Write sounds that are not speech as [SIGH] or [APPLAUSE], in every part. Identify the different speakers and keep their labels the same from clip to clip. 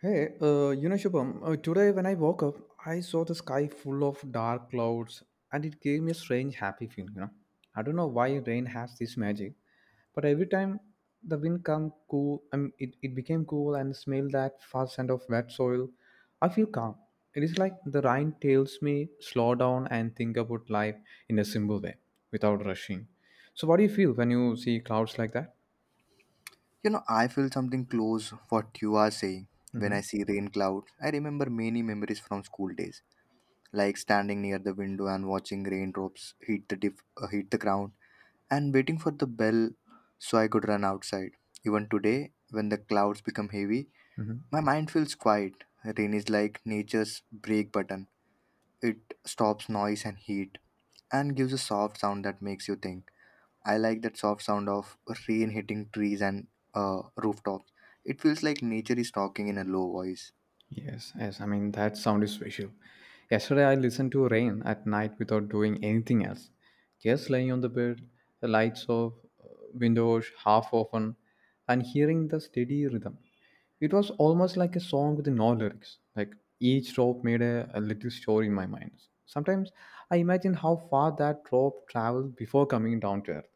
Speaker 1: Hey, Shubham, today when I woke up, I saw the sky full of dark clouds and it gave me a strange happy feeling. I don't know why rain has this magic, but every time the wind come cool, I mean, it became cool and smell that first scent of wet soil, I feel calm. It is like the rain tells me slow down and think about life in a simple way without rushing. So what do you feel when you see clouds like that?
Speaker 2: You know, I feel something close what you are saying. When
Speaker 1: Mm-hmm.
Speaker 2: I see rain clouds, I remember many memories from school days, like standing near the window and watching raindrops hit the hit the ground and waiting for the bell so I could run outside. Even today, when the clouds become heavy,
Speaker 1: Mm-hmm.
Speaker 2: my mind feels quiet. Rain is like nature's brake button. It stops noise and heat and gives a soft sound that makes you think. I like that soft sound of rain hitting trees and rooftops. It feels like nature is talking in a low voice.
Speaker 1: Yes, yes. I mean, that sound is special. Yesterday, I listened to rain at night without doing anything else. Just laying on the bed, the lights off, uh, windows half open, and hearing the steady rhythm. It was almost like a song with no lyrics. Like each drop made a little story in my mind. Sometimes I imagine how far that drop traveled before coming down to earth.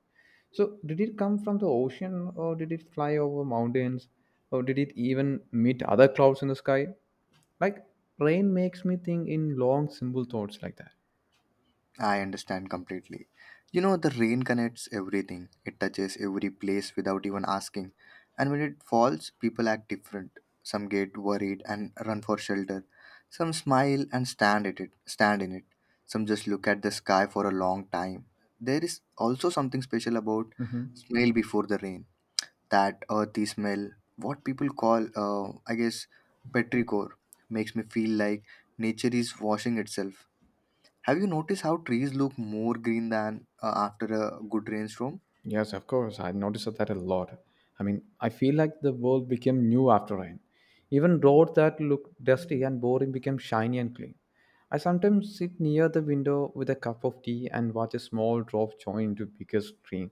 Speaker 1: So, did it come from the ocean, or did it fly over mountains, or did it even meet other clouds in the sky? Like rain makes me think in long simple thoughts like that.
Speaker 2: I understand completely. You know, the rain connects everything, it touches every place without even asking. And when it falls, people act different. Some get worried and run for shelter. Some smile and stand in it. Some just look at the sky for a long time. There is also something special about
Speaker 1: Mhm.
Speaker 2: smell before the rain, that earthy smell, what people call, I guess, petrichor, makes me feel like nature is washing itself. Have you noticed how trees look more green than after a good rainstorm?
Speaker 1: Yes, of course. I noticed that a lot. I mean, I feel like the world became new after rain. Even roads that looked dusty and boring became shiny and clean. I sometimes sit near the window with a cup of tea and watch a small drop join into bigger stream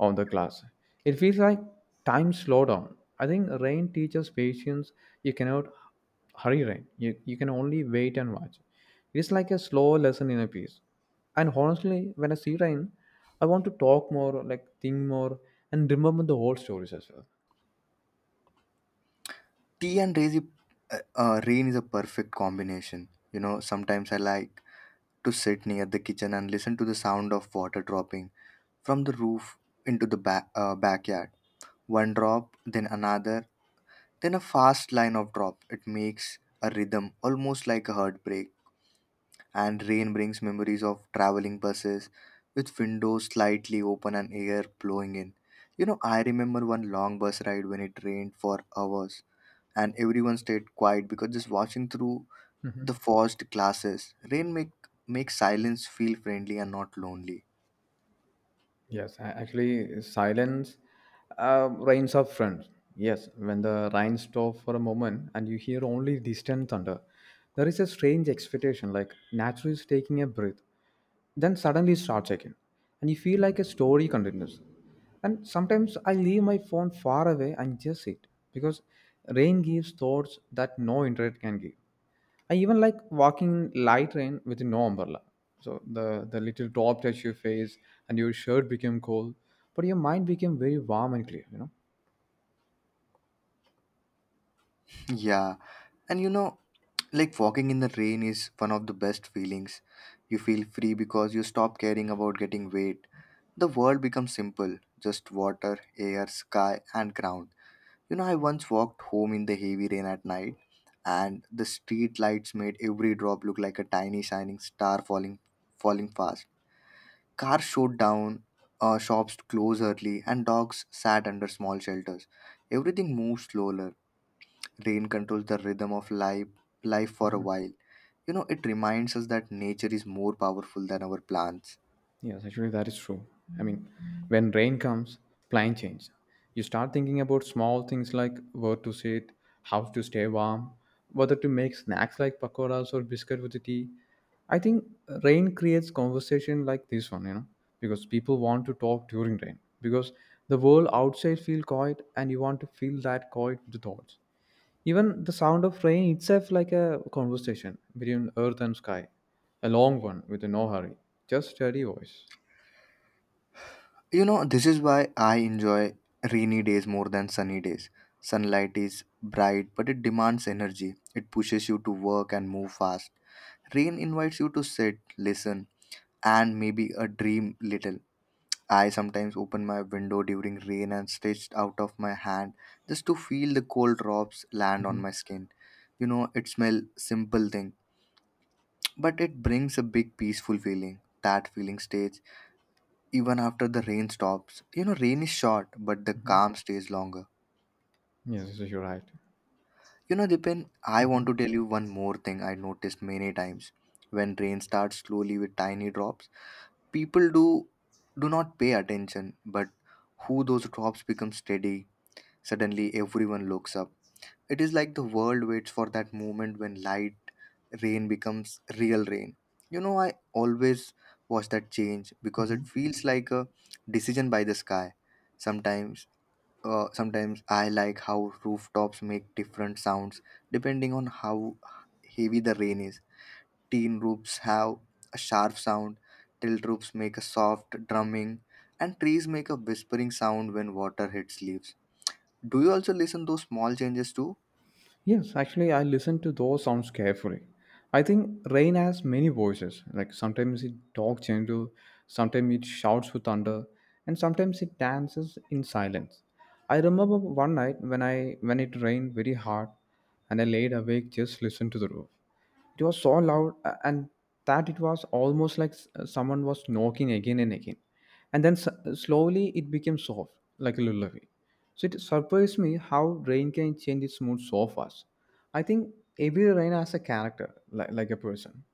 Speaker 1: on the glass. It feels like time slowed down. I think rain teaches patience. You cannot hurry rain. You can only wait and watch. It is like a slow lesson in a piece. And honestly, when I see rain, I want to talk more, like think more, and remember the whole stories as well.
Speaker 2: Tea and rain is a perfect combination. You know, sometimes I like to sit near the kitchen and listen to the sound of water dropping from the roof into the backyard. One drop, then another, then a fast line of drops. It makes a rhythm, almost like a heartbreak. And rain brings memories of traveling buses with windows slightly open and air blowing in. You know, I remember one long bus ride when it rained for hours and everyone stayed quiet because just watching through the forced glasses. Rain makes silence feel friendly and not lonely.
Speaker 1: Yes, actually, silence rains up friends. Yes, when the rain stops for a moment and you hear only distant thunder, there is a strange expectation, like nature is taking a breath. Then suddenly it starts again, and you feel like a story continues. And sometimes I leave my phone far away and just sit because rain gives thoughts that no internet can give. I even like walking light rain with no umbrella. So the little drop touch your face and your shirt became cold, but your mind became very warm and clear.
Speaker 2: Yeah. And you know, like walking in the rain is one of the best feelings. You feel free because you stop caring about getting wet. The world becomes simple, just water, air, sky and ground. You know, I once walked home in the heavy rain at night, and the street lights made every drop look like a tiny shining star falling fast. Cars shut down, Shops closed early, and dogs sat under small shelters. Everything moved slower. Rain controls the rhythm of life for a while. You know, it reminds us that nature is more powerful than our plans.
Speaker 1: Yes, actually, that is true. I mean, when rain comes, plan change. You start thinking about small things like where to sit, how to stay warm, whether to make snacks like pakoras or biscuit with the tea. I think rain creates conversation like this one, because people want to talk during rain. Because the world outside feels quiet, and you want to feel that quiet with the thoughts. Even the sound of rain itself like a conversation between earth and sky, a long one with no hurry, just steady voice.
Speaker 2: You know, this is why I enjoy rainy days more than sunny days. Sunlight is bright, but it demands energy. It pushes you to work and move fast. Rain invites you to sit, listen, and maybe a dream little. I sometimes open my window during rain and stretch out of my hand just to feel the cold drops land on
Speaker 1: Mhm.
Speaker 2: my skin. You know, it smells simple thing, but it brings a big peaceful feeling. That feeling stays even after the rain stops. You know, rain is short, but the
Speaker 1: Mhm.
Speaker 2: calm stays longer.
Speaker 1: Yes, yes, you're right.
Speaker 2: You know, Dipen, I want
Speaker 1: Mhm.
Speaker 2: to tell you one more thing I noticed many times. When rain starts slowly with tiny drops, people do not pay attention, but who those drops become steady, suddenly everyone looks up. It is like the world waits for that moment when light rain becomes real rain. You know, I always watch that change because
Speaker 1: Mhm.
Speaker 2: it feels like a decision by the sky. sometimes Sometimes I like how rooftops make different sounds depending on how heavy the rain is. Teen roofs have a sharp sound, tilt roofs make a soft drumming, and trees make a whispering sound when water hits leaves. Do you also listen those small changes too?
Speaker 1: Yes, actually, I listen to those sounds carefully. I think rain has many voices. Like sometimes it talks gentle, sometimes it shouts with thunder, and sometimes it dances in silence. I remember one night when it rained very hard, and I laid awake just listen to the roof. It was so loud and that it was almost like someone was knocking again and again. And then slowly it became soft, like a lullaby. So it surprised me how rain can change its mood so fast. I think every rain has a character, like a person.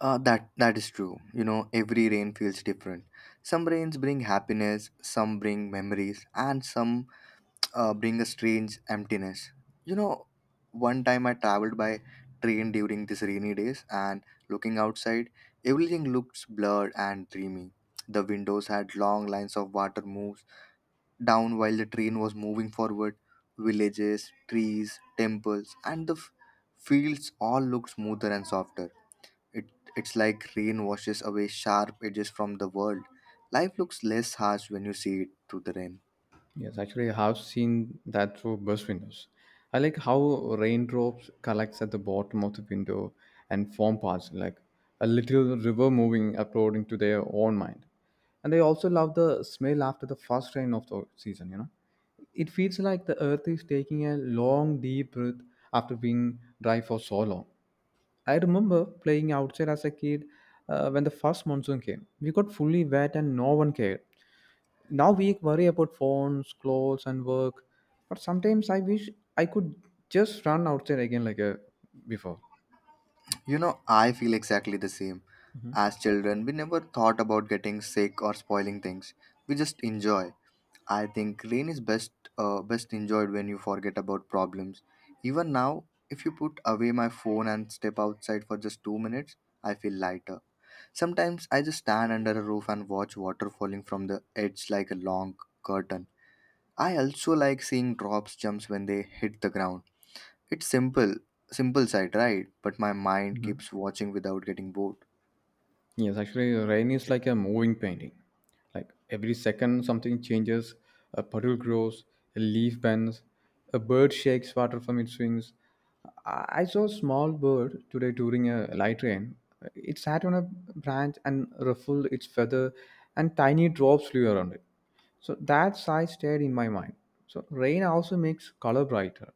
Speaker 2: That is true. You know, every rain feels different. Some rains bring happiness, some bring memories, and some bring a strange emptiness. You know, one time I traveled by train during these rainy days and looking outside, everything looked blurred and dreamy. The windows had long lines of water moves down while the train was moving forward. Villages, trees, temples, and the fields all looked smoother and softer. It, it's like rain washes away sharp edges from the world. Life looks less harsh when you see it through the rain.
Speaker 1: Yes, actually, I have seen that through bus windows. I like how raindrops collects at the bottom of the window and form parts like a little river moving according to their own mind. And I also love the smell after the first rain of the season. You know, it feels like the earth is taking a long, deep breath after being dry for so long. I remember playing outside as a kid when the first monsoon came. We got fully wet and no one cared. Now we worry about phones, clothes and work, but sometimes I wish I could just run outside again like a before.
Speaker 2: You know, I feel exactly the same. As children, we never thought about getting sick or spoiling things. We just enjoy. I think rain is best enjoyed when you forget about problems. Even now, if you put away my phone and step outside for just 2 minutes, I feel lighter. Sometimes I just stand under a roof and watch water falling from the edge like a long curtain. I also like seeing drops jumps when they hit the ground. It's simple side, right? But my mind keeps watching without getting bored.
Speaker 1: Yes, actually, rain is like a moving painting. Like every second, something changes. A puddle grows, a leaf bends, a bird shakes water from its wings. I saw a small bird today during a light rain. It sat on a branch and ruffled its feather, and tiny drops flew around it. So that sight stayed in my mind. So rain also makes color brighter.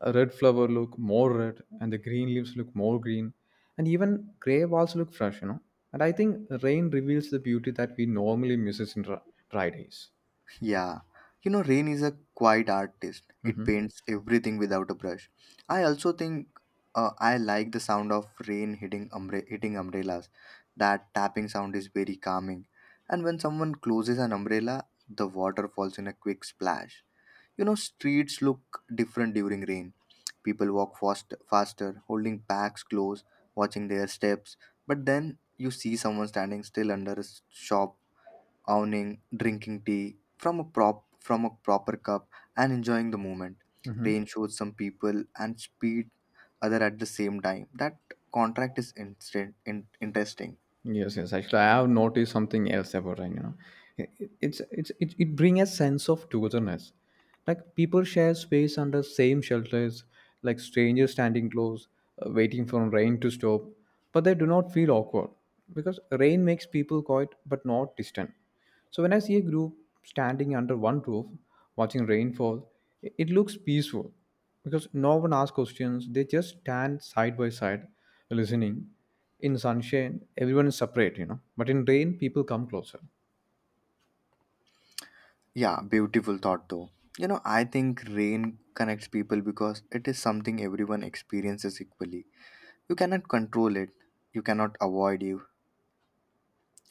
Speaker 1: A red flower look more red, and the green leaves look more green, and even gray walls look fresh. And I think rain reveals the beauty that we normally misses in dry dry days.
Speaker 2: Yeah, you know, rain is a quiet artist. It paints everything without a brush. I also think I like the sound of rain hitting hitting umbrellas. That tapping sound is very calming. And when someone closes an umbrella, the water falls in a quick splash. You know, streets look different during rain. People walk faster, holding packs close, watching their steps. But then you see someone standing still under a shop awning, drinking tea from a proper cup and enjoying the moment. Rain shows some people and speed other at the same time. That contract is interesting.
Speaker 1: Yes, yes. Actually, I have noticed something else about it. You know, it brings a sense of togetherness. Like people share space under same shelters, like strangers standing close, waiting for rain to stop, but they do not feel awkward because rain makes people quiet but not distant. So when I see a group standing under one roof, watching rainfall, it looks peaceful because no one asks questions. They just stand side by side, listening. In sunshine, everyone is separate, you know. But in rain, people come closer.
Speaker 2: Yeah, beautiful thought though. You know, I think rain connects people because it is something everyone experiences equally. You cannot control it, you cannot avoid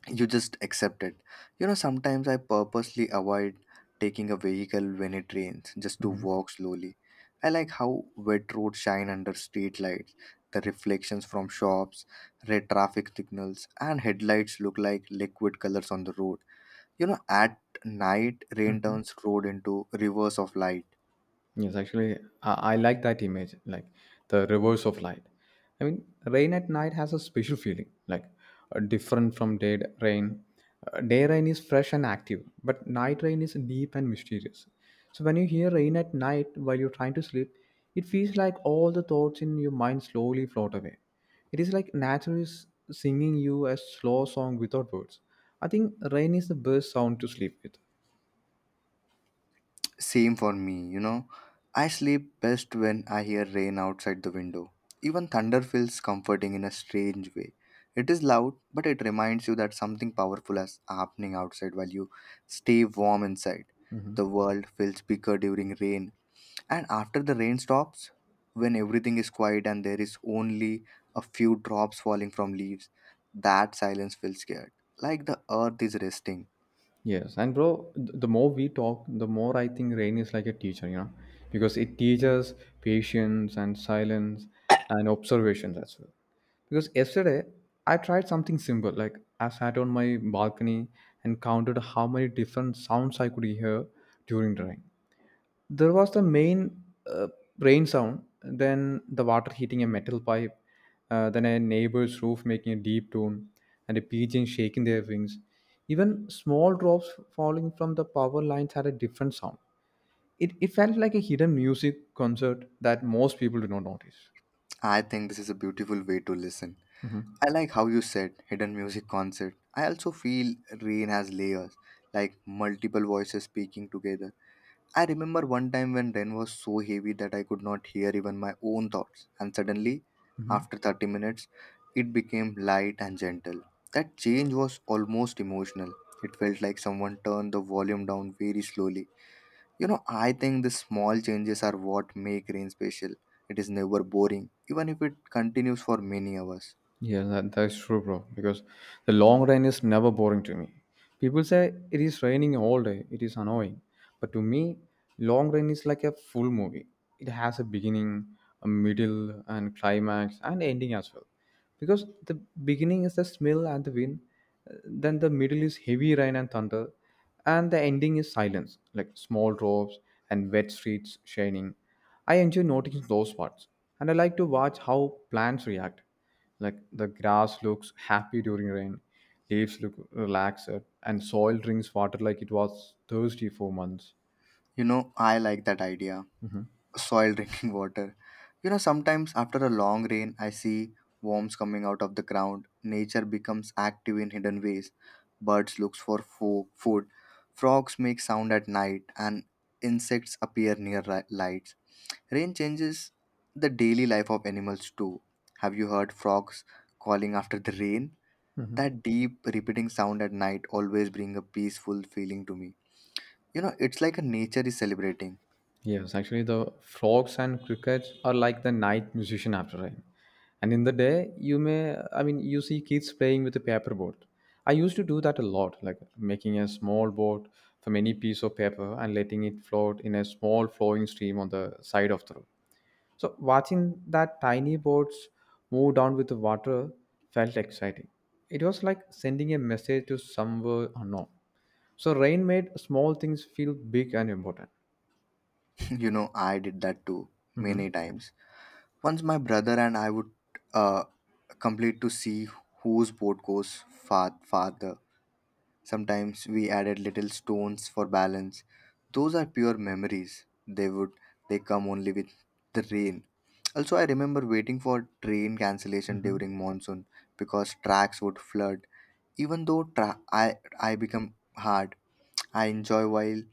Speaker 2: you just accept it. You know, sometimes I purposely avoid taking a vehicle when it rains just to
Speaker 1: Hmm.
Speaker 2: walk slowly. I like how wet roads shine under street lights. The reflections from shops, red traffic signals and headlights look like liquid colors on the road. You know, at night rain
Speaker 1: Hmm.
Speaker 2: turns road into rivers of light.
Speaker 1: Yes, actually, I like that image, like the reverse of light. I mean, rain at night has a special feeling, like different from rain. Day rain is fresh and active, but night rain is deep and mysterious. So when you hear rain at night while you're trying to sleep, it feels like all the thoughts in your mind slowly float away. It is like nature is singing you a slow song without words. I think rain is the best sound to sleep with.
Speaker 2: Same for me, you know. I sleep best when I hear rain outside the window. Even thunder feels comforting in a strange way. It is loud, but it reminds you that something powerful is happening outside while you stay warm inside. The world feels bigger during rain, and after the rain stops, when everything is quiet and there is only a few drops falling from leaves, that silence feels scared. Like the earth is resting.
Speaker 1: Yes, and bro, the more we talk, the more I think rain is like a teacher, you know, because it teaches patience and silence and observations as well. Because yesterday I tried something simple, like I sat on my balcony and counted how many different sounds I could hear during the rain. There was the main uh, rain sound, then the water hitting a metal pipe, then a neighbor's roof making a deep tone and a pigeon shaking their wings. Even small drops falling from the power lines had a different sound. It felt like a hidden music concert that most people do not notice.
Speaker 2: I think this is a beautiful way to listen. I like how you said hidden music concert. I also feel rain has layers, like multiple voices speaking together. I remember one time when rain was so heavy that I could not hear even my own thoughts, and suddenly, after 30 minutes, it became light and gentle. That change was almost emotional. It felt like someone turned the volume down very slowly. You know, I think the small changes are what make rain special. It is never boring, even if it continues for many hours.
Speaker 1: Yeah, that's true, bro. Because the long rain is never boring to me. People say it is raining all day, it is annoying. But to me, long rain is like a full movie. It has a beginning, a middle, and climax, and ending as well. Because the beginning is the smell and the wind, then the middle is heavy rain and thunder, and the ending is silence like small drops and wet streets shining. I enjoy noticing those parts, and I like to watch how plants react, like the grass looks happy during rain, leaves look relaxed, and soil drinks water like it was thirsty for months.
Speaker 2: You know, I like that idea. Soil [LAUGHS] drinking water. You know, sometimes after a long rain, I see worms coming out of the ground. Nature becomes active in hidden ways. Birds looks for food. Frogs make sound at night, and insects appear near lights. Rain changes the daily life of animals too. Have you heard frogs calling after the rain? That deep, repeating sound at night always bring a peaceful feeling to me. You know, it's like a nature is celebrating.
Speaker 1: Yes, actually, the frogs and crickets are like the night musician after rain. And in the day, I mean, you see kids playing with a paper boat. I used to do that a lot, like making a small boat from any piece of paper and letting it float in a small flowing stream on the side of the road. So, watching that tiny boats move down with the water felt exciting. It was like sending a message to somewhere unknown. So, rain made small things feel big and important.
Speaker 2: You know, I did that too
Speaker 1: Hmm.
Speaker 2: many times. Once my brother and I would uh, complete to see whose boat goes farther. Sometimes we added little stones for balance. Those are pure memories. They come only with the rain. Also, I remember waiting for train cancellation during monsoon because tracks would flood. Even though I become hard, I enjoy while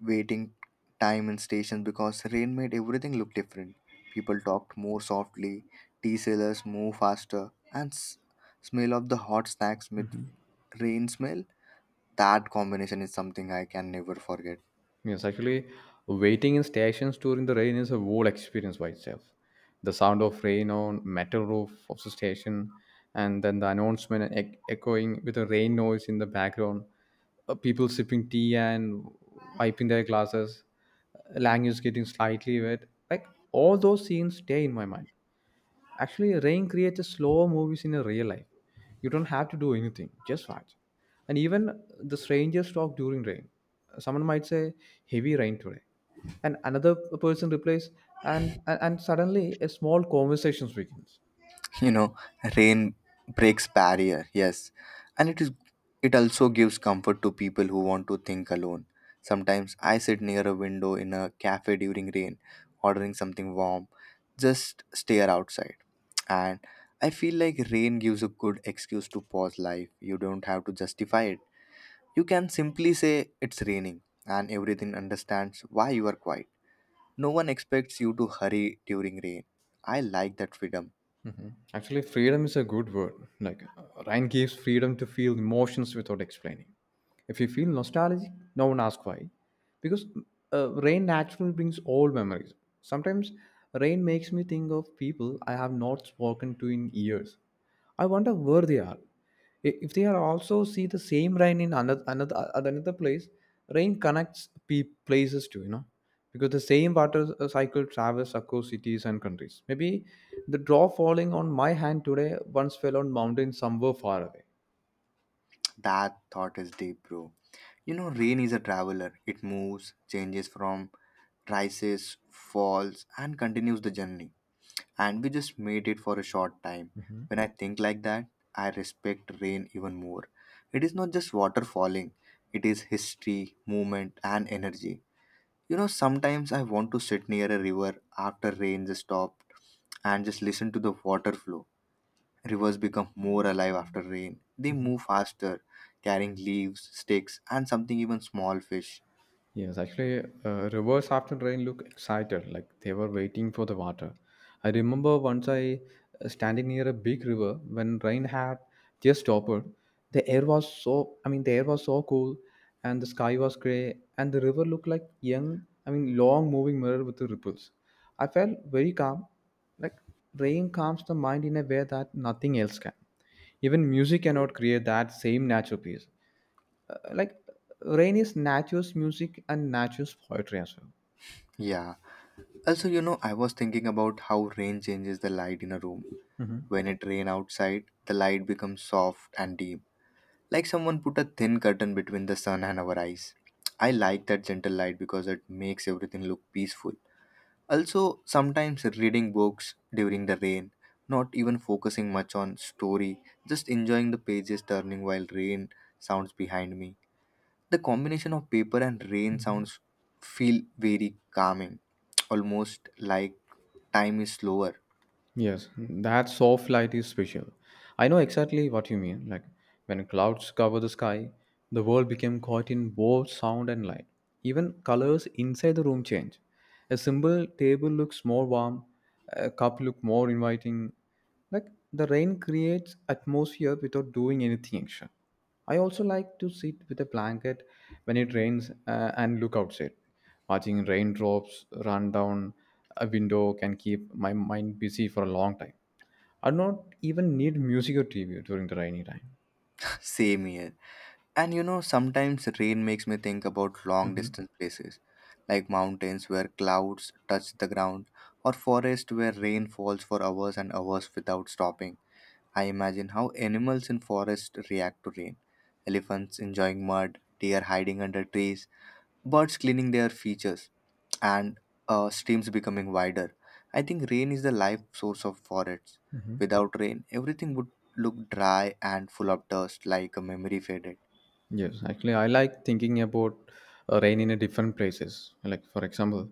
Speaker 2: waiting time in stations because rain made everything look different. People talked more softly, tea sellers moved faster, and smell of the hot snacks with rain smell. That combination is something I can never forget.
Speaker 1: Yes, actually, waiting in stations during the rain is a whole experience by itself. The sound of rain on metal roof of the station, and then the announcement echoing with a rain noise in the background, people sipping tea and wiping their glasses, language getting slightly wet. Like all those scenes stay in my mind. Actually, rain creates a slow movies in a real life. You don't have to do anything, just watch. And even the strangers talk during rain. Someone might say, heavy rain today. And another person replies, and suddenly a small conversation begins.
Speaker 2: [LAUGHS] You know, rain breaks barrier, yes, and it is. It also gives comfort to people who want to think alone. Sometimes I sit near a window in a cafe during rain, ordering something warm, just stare outside. And I feel like rain gives a good excuse to pause life. You don't have to justify it. You can simply say it's raining, and everything understands why you are quiet. No one expects you to hurry during rain. I like that freedom.
Speaker 1: Actually, freedom is a good word. Like, Ryan gives freedom to feel emotions without explaining. If you feel nostalgic, no one asks why. Because rain naturally brings old memories. Sometimes rain makes me think of people I have not spoken to in years. I wonder where they are. If they are also see the same rain in another another at another place, rain connects places too, because the same water cycle travels across cities and countries maybe. The drop falling on my hand today once fell on mountain somewhere far away.
Speaker 2: [TSK] That thought is deep, bro. You know, rain is a traveler. It moves, changes from rises, falls, and continues the journey. And we just made it for a short time. When I think like that, I respect rain even more. It is not just water falling, it is history, movement, and energy. You know, sometimes I want to sit near a river after rain just stopped and just listen to the water flow. Rivers become more alive after rain. They move faster, carrying leaves, sticks, and something even small fish.
Speaker 1: Yes, actually, rivers after rain look excited, like they were waiting for the water. I remember once I standing near a big river when rain had just stopped. The air was the air was so cool, and the sky was gray, and the river looked like long moving mirror with the ripples. I felt very calm, like rain calms the mind in a way that nothing else can. Even music cannot create that same natural peace. Like rain is nature's music and nature's poetry as well.
Speaker 2: Yeah. Also, you know, I was thinking about how rain changes the light in a room.
Speaker 1: Hmm.
Speaker 2: When it rains outside, the light becomes soft and deep, like someone put a thin curtain between the sun and our eyes. I like that gentle light because it makes everything look peaceful. Also, sometimes reading books during the rain, not even focusing much on story, just enjoying the pages turning while rain sounds behind me. The combination of paper and rain sounds feel very calming, almost like time is slower.
Speaker 1: Yes, that soft light is special. I know exactly what you mean. Like when clouds cover the sky, the world became caught in both sound and light. Even colors inside the room change. A simple table looks more warm, a cup look more inviting. Like the rain creates atmosphere without doing anything extra. I also like to sit with a blanket when it rains and look outside. Watching raindrops run down a window can keep my mind busy for a long time. I do not even need music or TV during the rainy time.
Speaker 2: [LAUGHS] Same here. And you know, sometimes rain makes me think about long
Speaker 1: Mhm.
Speaker 2: distance places, like mountains where clouds touch the ground, or forests where rain falls for hours and hours without stopping. I imagine how animals in forest react to rain. Elephants enjoying mud, deer hiding under trees, birds cleaning their features, and streams becoming wider. I think rain is the life source of forests. Without rain, everything would look dry and full of dust like a memory faded.
Speaker 1: Yes, actually, I like thinking about rain in a different places. Like for example,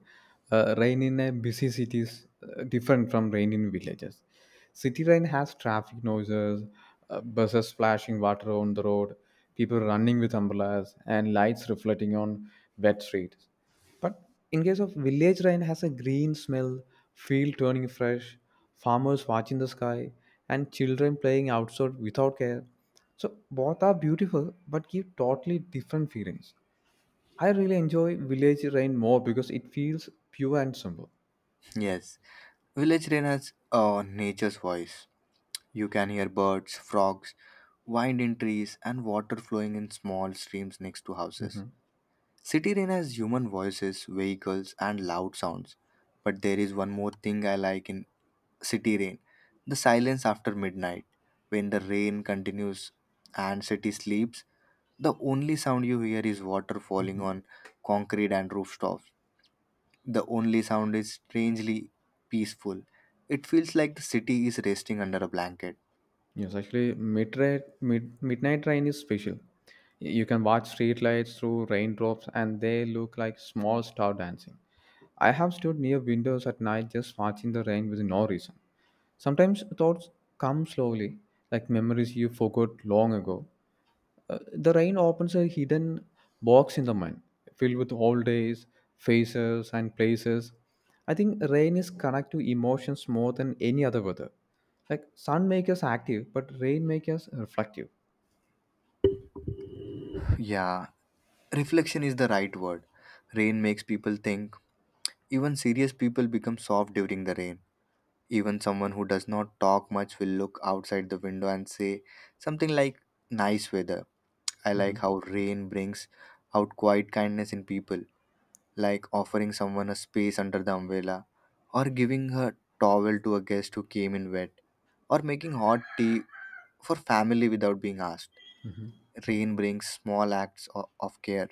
Speaker 1: rain in a busy cities different from rain in villages. City rain has traffic noises, buses splashing water on the road, people running with umbrellas, and lights reflecting on wet streets. But in case of village rain has a green smell, field turning fresh, farmers watching the sky, and children playing outside without care. So both are beautiful but give totally different feelings. I really enjoy village rain more because it feels pure and simple.
Speaker 2: [LAUGHS] Yes. Village rain has nature's voice. You can hear birds, frogs, wind in trees, and water flowing in small streams next to houses. City rain has human voices, vehicles, and loud sounds. But there is one more thing I like in city rain: the silence after midnight. When the rain continues and city sleeps, the only sound you hear is water falling on concrete and rooftops. The only sound is strangely peaceful. It feels like the city is resting under a blanket.
Speaker 1: Yes, actually, midnight rain is special. You can watch street lights through raindrops, and they look like small star dancing. I have stood near windows at night just watching the rain with no reason. Sometimes thoughts come slowly, like memories you forgot long ago. The rain opens a hidden box in the mind, filled with old days, faces, and places. I think rain is connected to emotions more than any other weather. Like sun makes us active, but rain makes us reflective.
Speaker 2: Yeah, reflection is the right word. Rain makes people think. Even serious people become soft during the rain. Even someone who does not talk much will look outside the window and say something like, "Nice weather." I like
Speaker 1: Mhm.
Speaker 2: how rain brings out quiet kindness in people, like offering someone a space under the umbrella, or giving her towel to a guest who came in wet, or making hot tea for family without being asked. Rain brings small acts of care.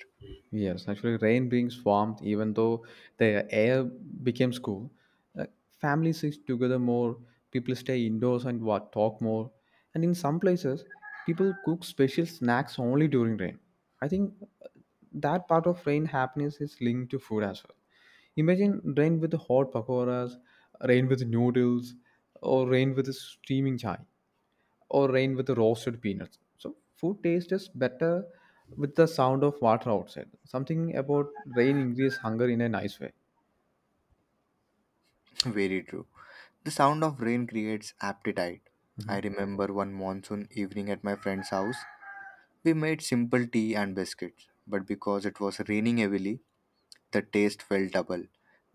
Speaker 1: Yes, actually, rain brings warmth even though the air becomes cool. Like, families sit together more, people stay indoors and what, talk more. And in some places, people cook special snacks only during rain. I think uh, that part of rain happiness is linked to food as well. Imagine rain with hot pakoras, rain with noodles, or rain with a steaming chai, or rain with roasted peanuts. So food taste is better with the sound of water outside. Something about rain increases hunger in a nice way.
Speaker 2: [LAUGHS] Very true. The sound of rain creates appetite. I remember one monsoon evening at my friend's house, we made simple tea and biscuits, but because it was raining heavily, the taste felt double.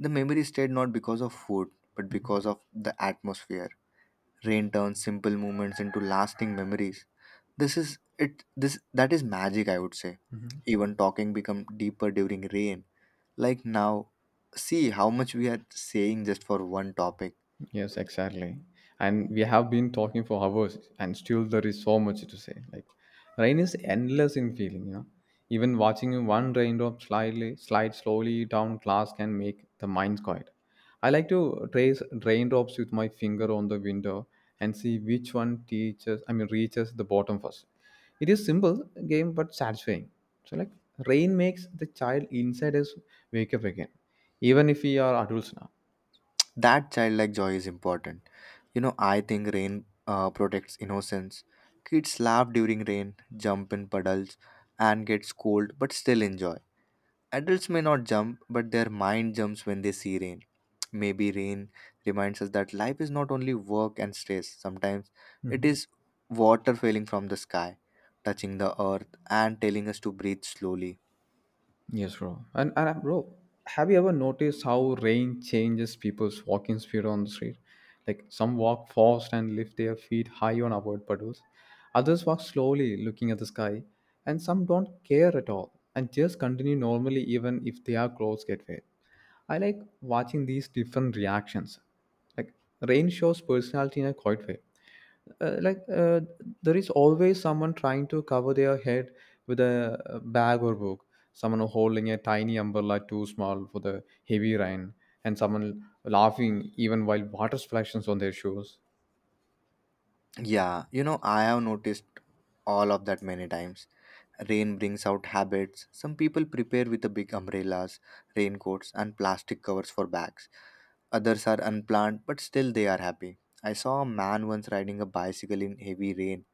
Speaker 2: The memory stayed not because of food, but because of the atmosphere. Rain turns simple moments into lasting memories. This that is magic, I would say. Even talking become deeper during rain. Like now, see how much we are saying just for one topic.
Speaker 1: Yes, exactly. And we have been talking for hours, and still there is so much to say. Like, rain is endless in feeling. Even watching one raindrop slightly slide slowly down glass can make the mind quiet. I like to trace raindrops with my finger on the window and see which one reaches the bottom first. It is simple game, but satisfying. So, like, rain makes the child inside us wake up again, even if we are adults now.
Speaker 2: That childlike joy is important. You know, I think rain protects innocence. Kids laugh during rain, jump in puddles, and get scolded, but still enjoy. Adults may not jump, but their mind jumps when they see rain. Maybe rain reminds us that life is not only work and stress, sometimes it
Speaker 1: Mm-hmm.
Speaker 2: is water falling from the sky, touching the earth, and telling us to breathe slowly.
Speaker 1: Yes, bro. And bro, have you ever noticed how rain changes people's walking speed on the street? Like some walk fast and lift their feet high on avoid puddles. Others walk slowly, looking at the sky, and some don't care at all and just continue normally even if their clothes get wet. I like watching these different reactions. Like rain shows personality in a quiet way. Uh, like uh, there is always someone trying to cover their head with a bag or book. Someone holding a tiny umbrella too small for the heavy rain, and someone laughing even while water splashes on their shoes.
Speaker 2: Yeah, you know, I have noticed all of that many times. Rain brings out habits. Some people prepare with the big umbrellas, raincoats, and plastic covers for bags. Others are unplanned, but still they are happy. I saw a man once riding a bicycle in heavy rain.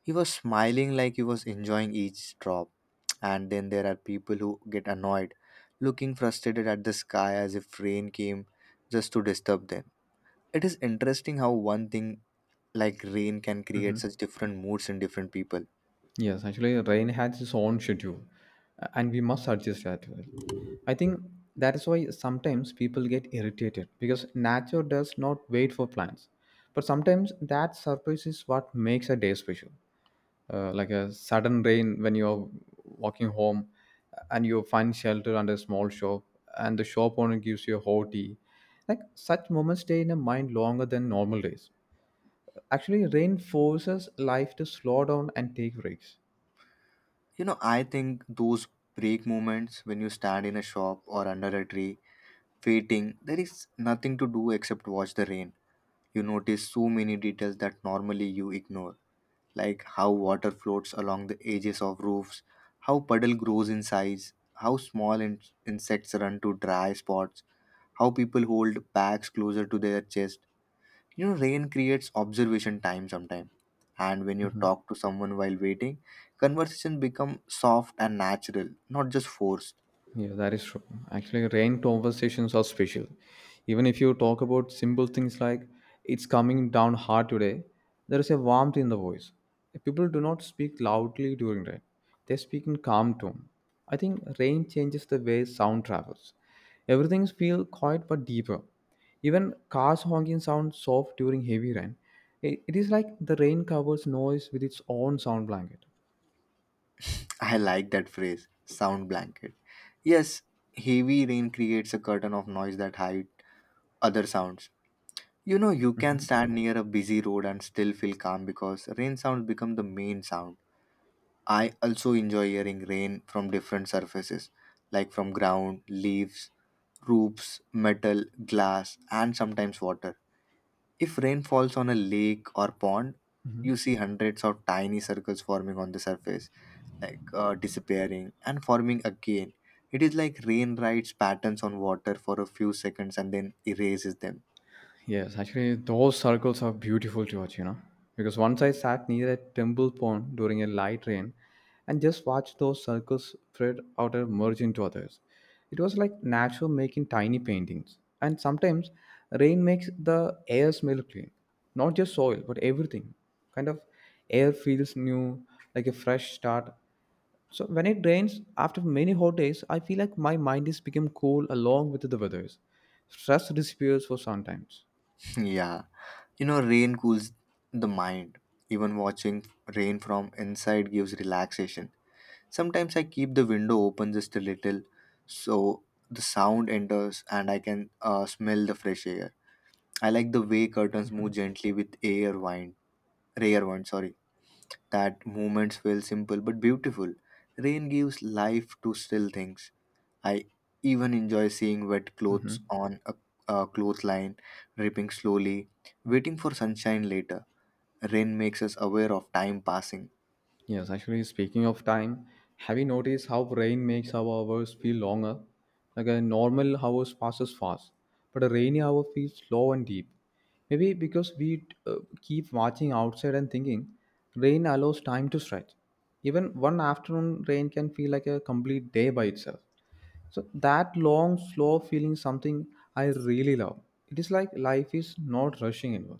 Speaker 2: He was smiling like he was enjoying each drop. And then there are people who get annoyed, looking frustrated at the sky as if rain came just to disturb them. It is interesting how one thing like rain can create
Speaker 1: Mhm.
Speaker 2: such different moods in different people.
Speaker 1: Yes, actually, rain has its own schedule, and we must adjust that to it. I think that is why sometimes people get irritated because nature does not wait for plans. But sometimes that surprise is what makes a day special. Like a sudden rain when you're walking home and you find shelter under a small shop, and the shop owner gives you a hot tea. Like such moments stay in a mind longer than normal days. Actually, rain forces life to slow down and take breaks.
Speaker 2: You know, I think those break moments when you stand in a shop or under a tree waiting, there is nothing to do except watch the rain. You notice so many details that normally you ignore, like how water floats along the edges of roofs, how puddle grows in size, how small insects run to dry spots, how people hold bags closer to their chest. You know, rain creates observation time sometimes. And when you
Speaker 1: Mm-hmm.
Speaker 2: talk to someone while waiting, conversation become soft and natural, not just forced.
Speaker 1: Yeah, that is true. Actually, rain conversations are special. Even if you talk about simple things like it's coming down hard today, there is a warmth in the voice. People do not speak loudly during rain. They speak in calm tone. I think rain changes the way sound travels. Everything feels quiet but deeper. Even cars honking sound soft during heavy rain. It is like the rain covers noise with its own sound blanket.
Speaker 2: I like that phrase, sound blanket. Yes, heavy rain creates a curtain of noise that hide other sounds. You know, you can stand near a busy road and still feel calm because rain sounds become the main sound. I also enjoy hearing rain from different surfaces, like from ground, leaves, roofs, metal, glass, and sometimes water. If rain falls on a lake or pond, you see hundreds of tiny circles forming on the surface, like disappearing and forming again. It is like rain writes patterns on water for a few seconds and then erases them.
Speaker 1: Yes, actually, those circles are beautiful to watch. Because once I sat near a temple pond during a light rain and just watched those circles spread out and merge into others. It was like nature making tiny paintings. And sometimes rain makes the air smell clean. Not just soil, but everything. Kind of air feels new, like a fresh start. So when it rains after many hot days, I feel like my mind is become cool along with the weathers. Stress disappears for sometimes.
Speaker 2: [LAUGHS] Yeah. You know, rain cools the mind. Even watching rain from inside gives relaxation. Sometimes I keep the window open just a little so the sound enters and I can smell the fresh air. I like the way curtains move gently with air wind, rare one, sorry. That moments feel simple but beautiful. Rain gives life to still things. I even enjoy seeing wet clothes on a clothesline, dripping slowly, waiting for sunshine later. Rain makes us aware of time passing.
Speaker 1: Yes, actually, speaking of time, have you noticed how rain makes our hours feel longer? Like a normal hours passes fast, but a rainy hour feels slow and deep. Maybe because we keep watching outside and thinking, rain allows time to stretch. Even one afternoon rain can feel like a complete day by itself. So that long, slow feeling is something I really love. It is like life is not rushing anymore.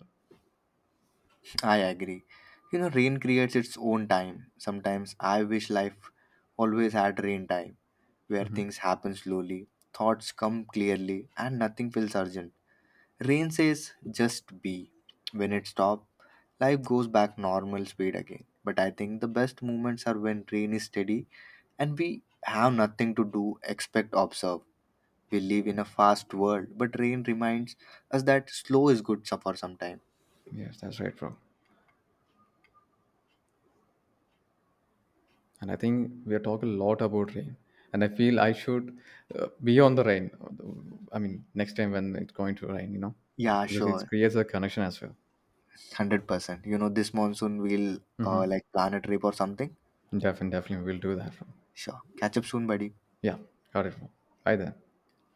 Speaker 2: I agree. You know, rain creates its own time. Sometimes I wish life always had rain time, where things happen slowly, thoughts come clearly, and nothing feels urgent. Rain says just be. When it stops, life goes back normal speed again. But I think the best moments are when rain is steady and we have nothing to do except observe. We live in a fast world, but rain reminds us that slow is good for some time.
Speaker 1: Yes, that's right, bro. And I think we are talking a lot about rain. And I feel I should be on the rain. I mean, next time when it's going to rain,
Speaker 2: Yeah,
Speaker 1: because it
Speaker 2: sure.
Speaker 1: creates a connection as well.
Speaker 2: 100%. You know, this monsoon we'll
Speaker 1: Mm-hmm.
Speaker 2: like plan a trip or something.
Speaker 1: Definitely, definitely, we'll do that.
Speaker 2: Sure. Catch up soon, buddy.
Speaker 1: Yeah, got it. Bye then.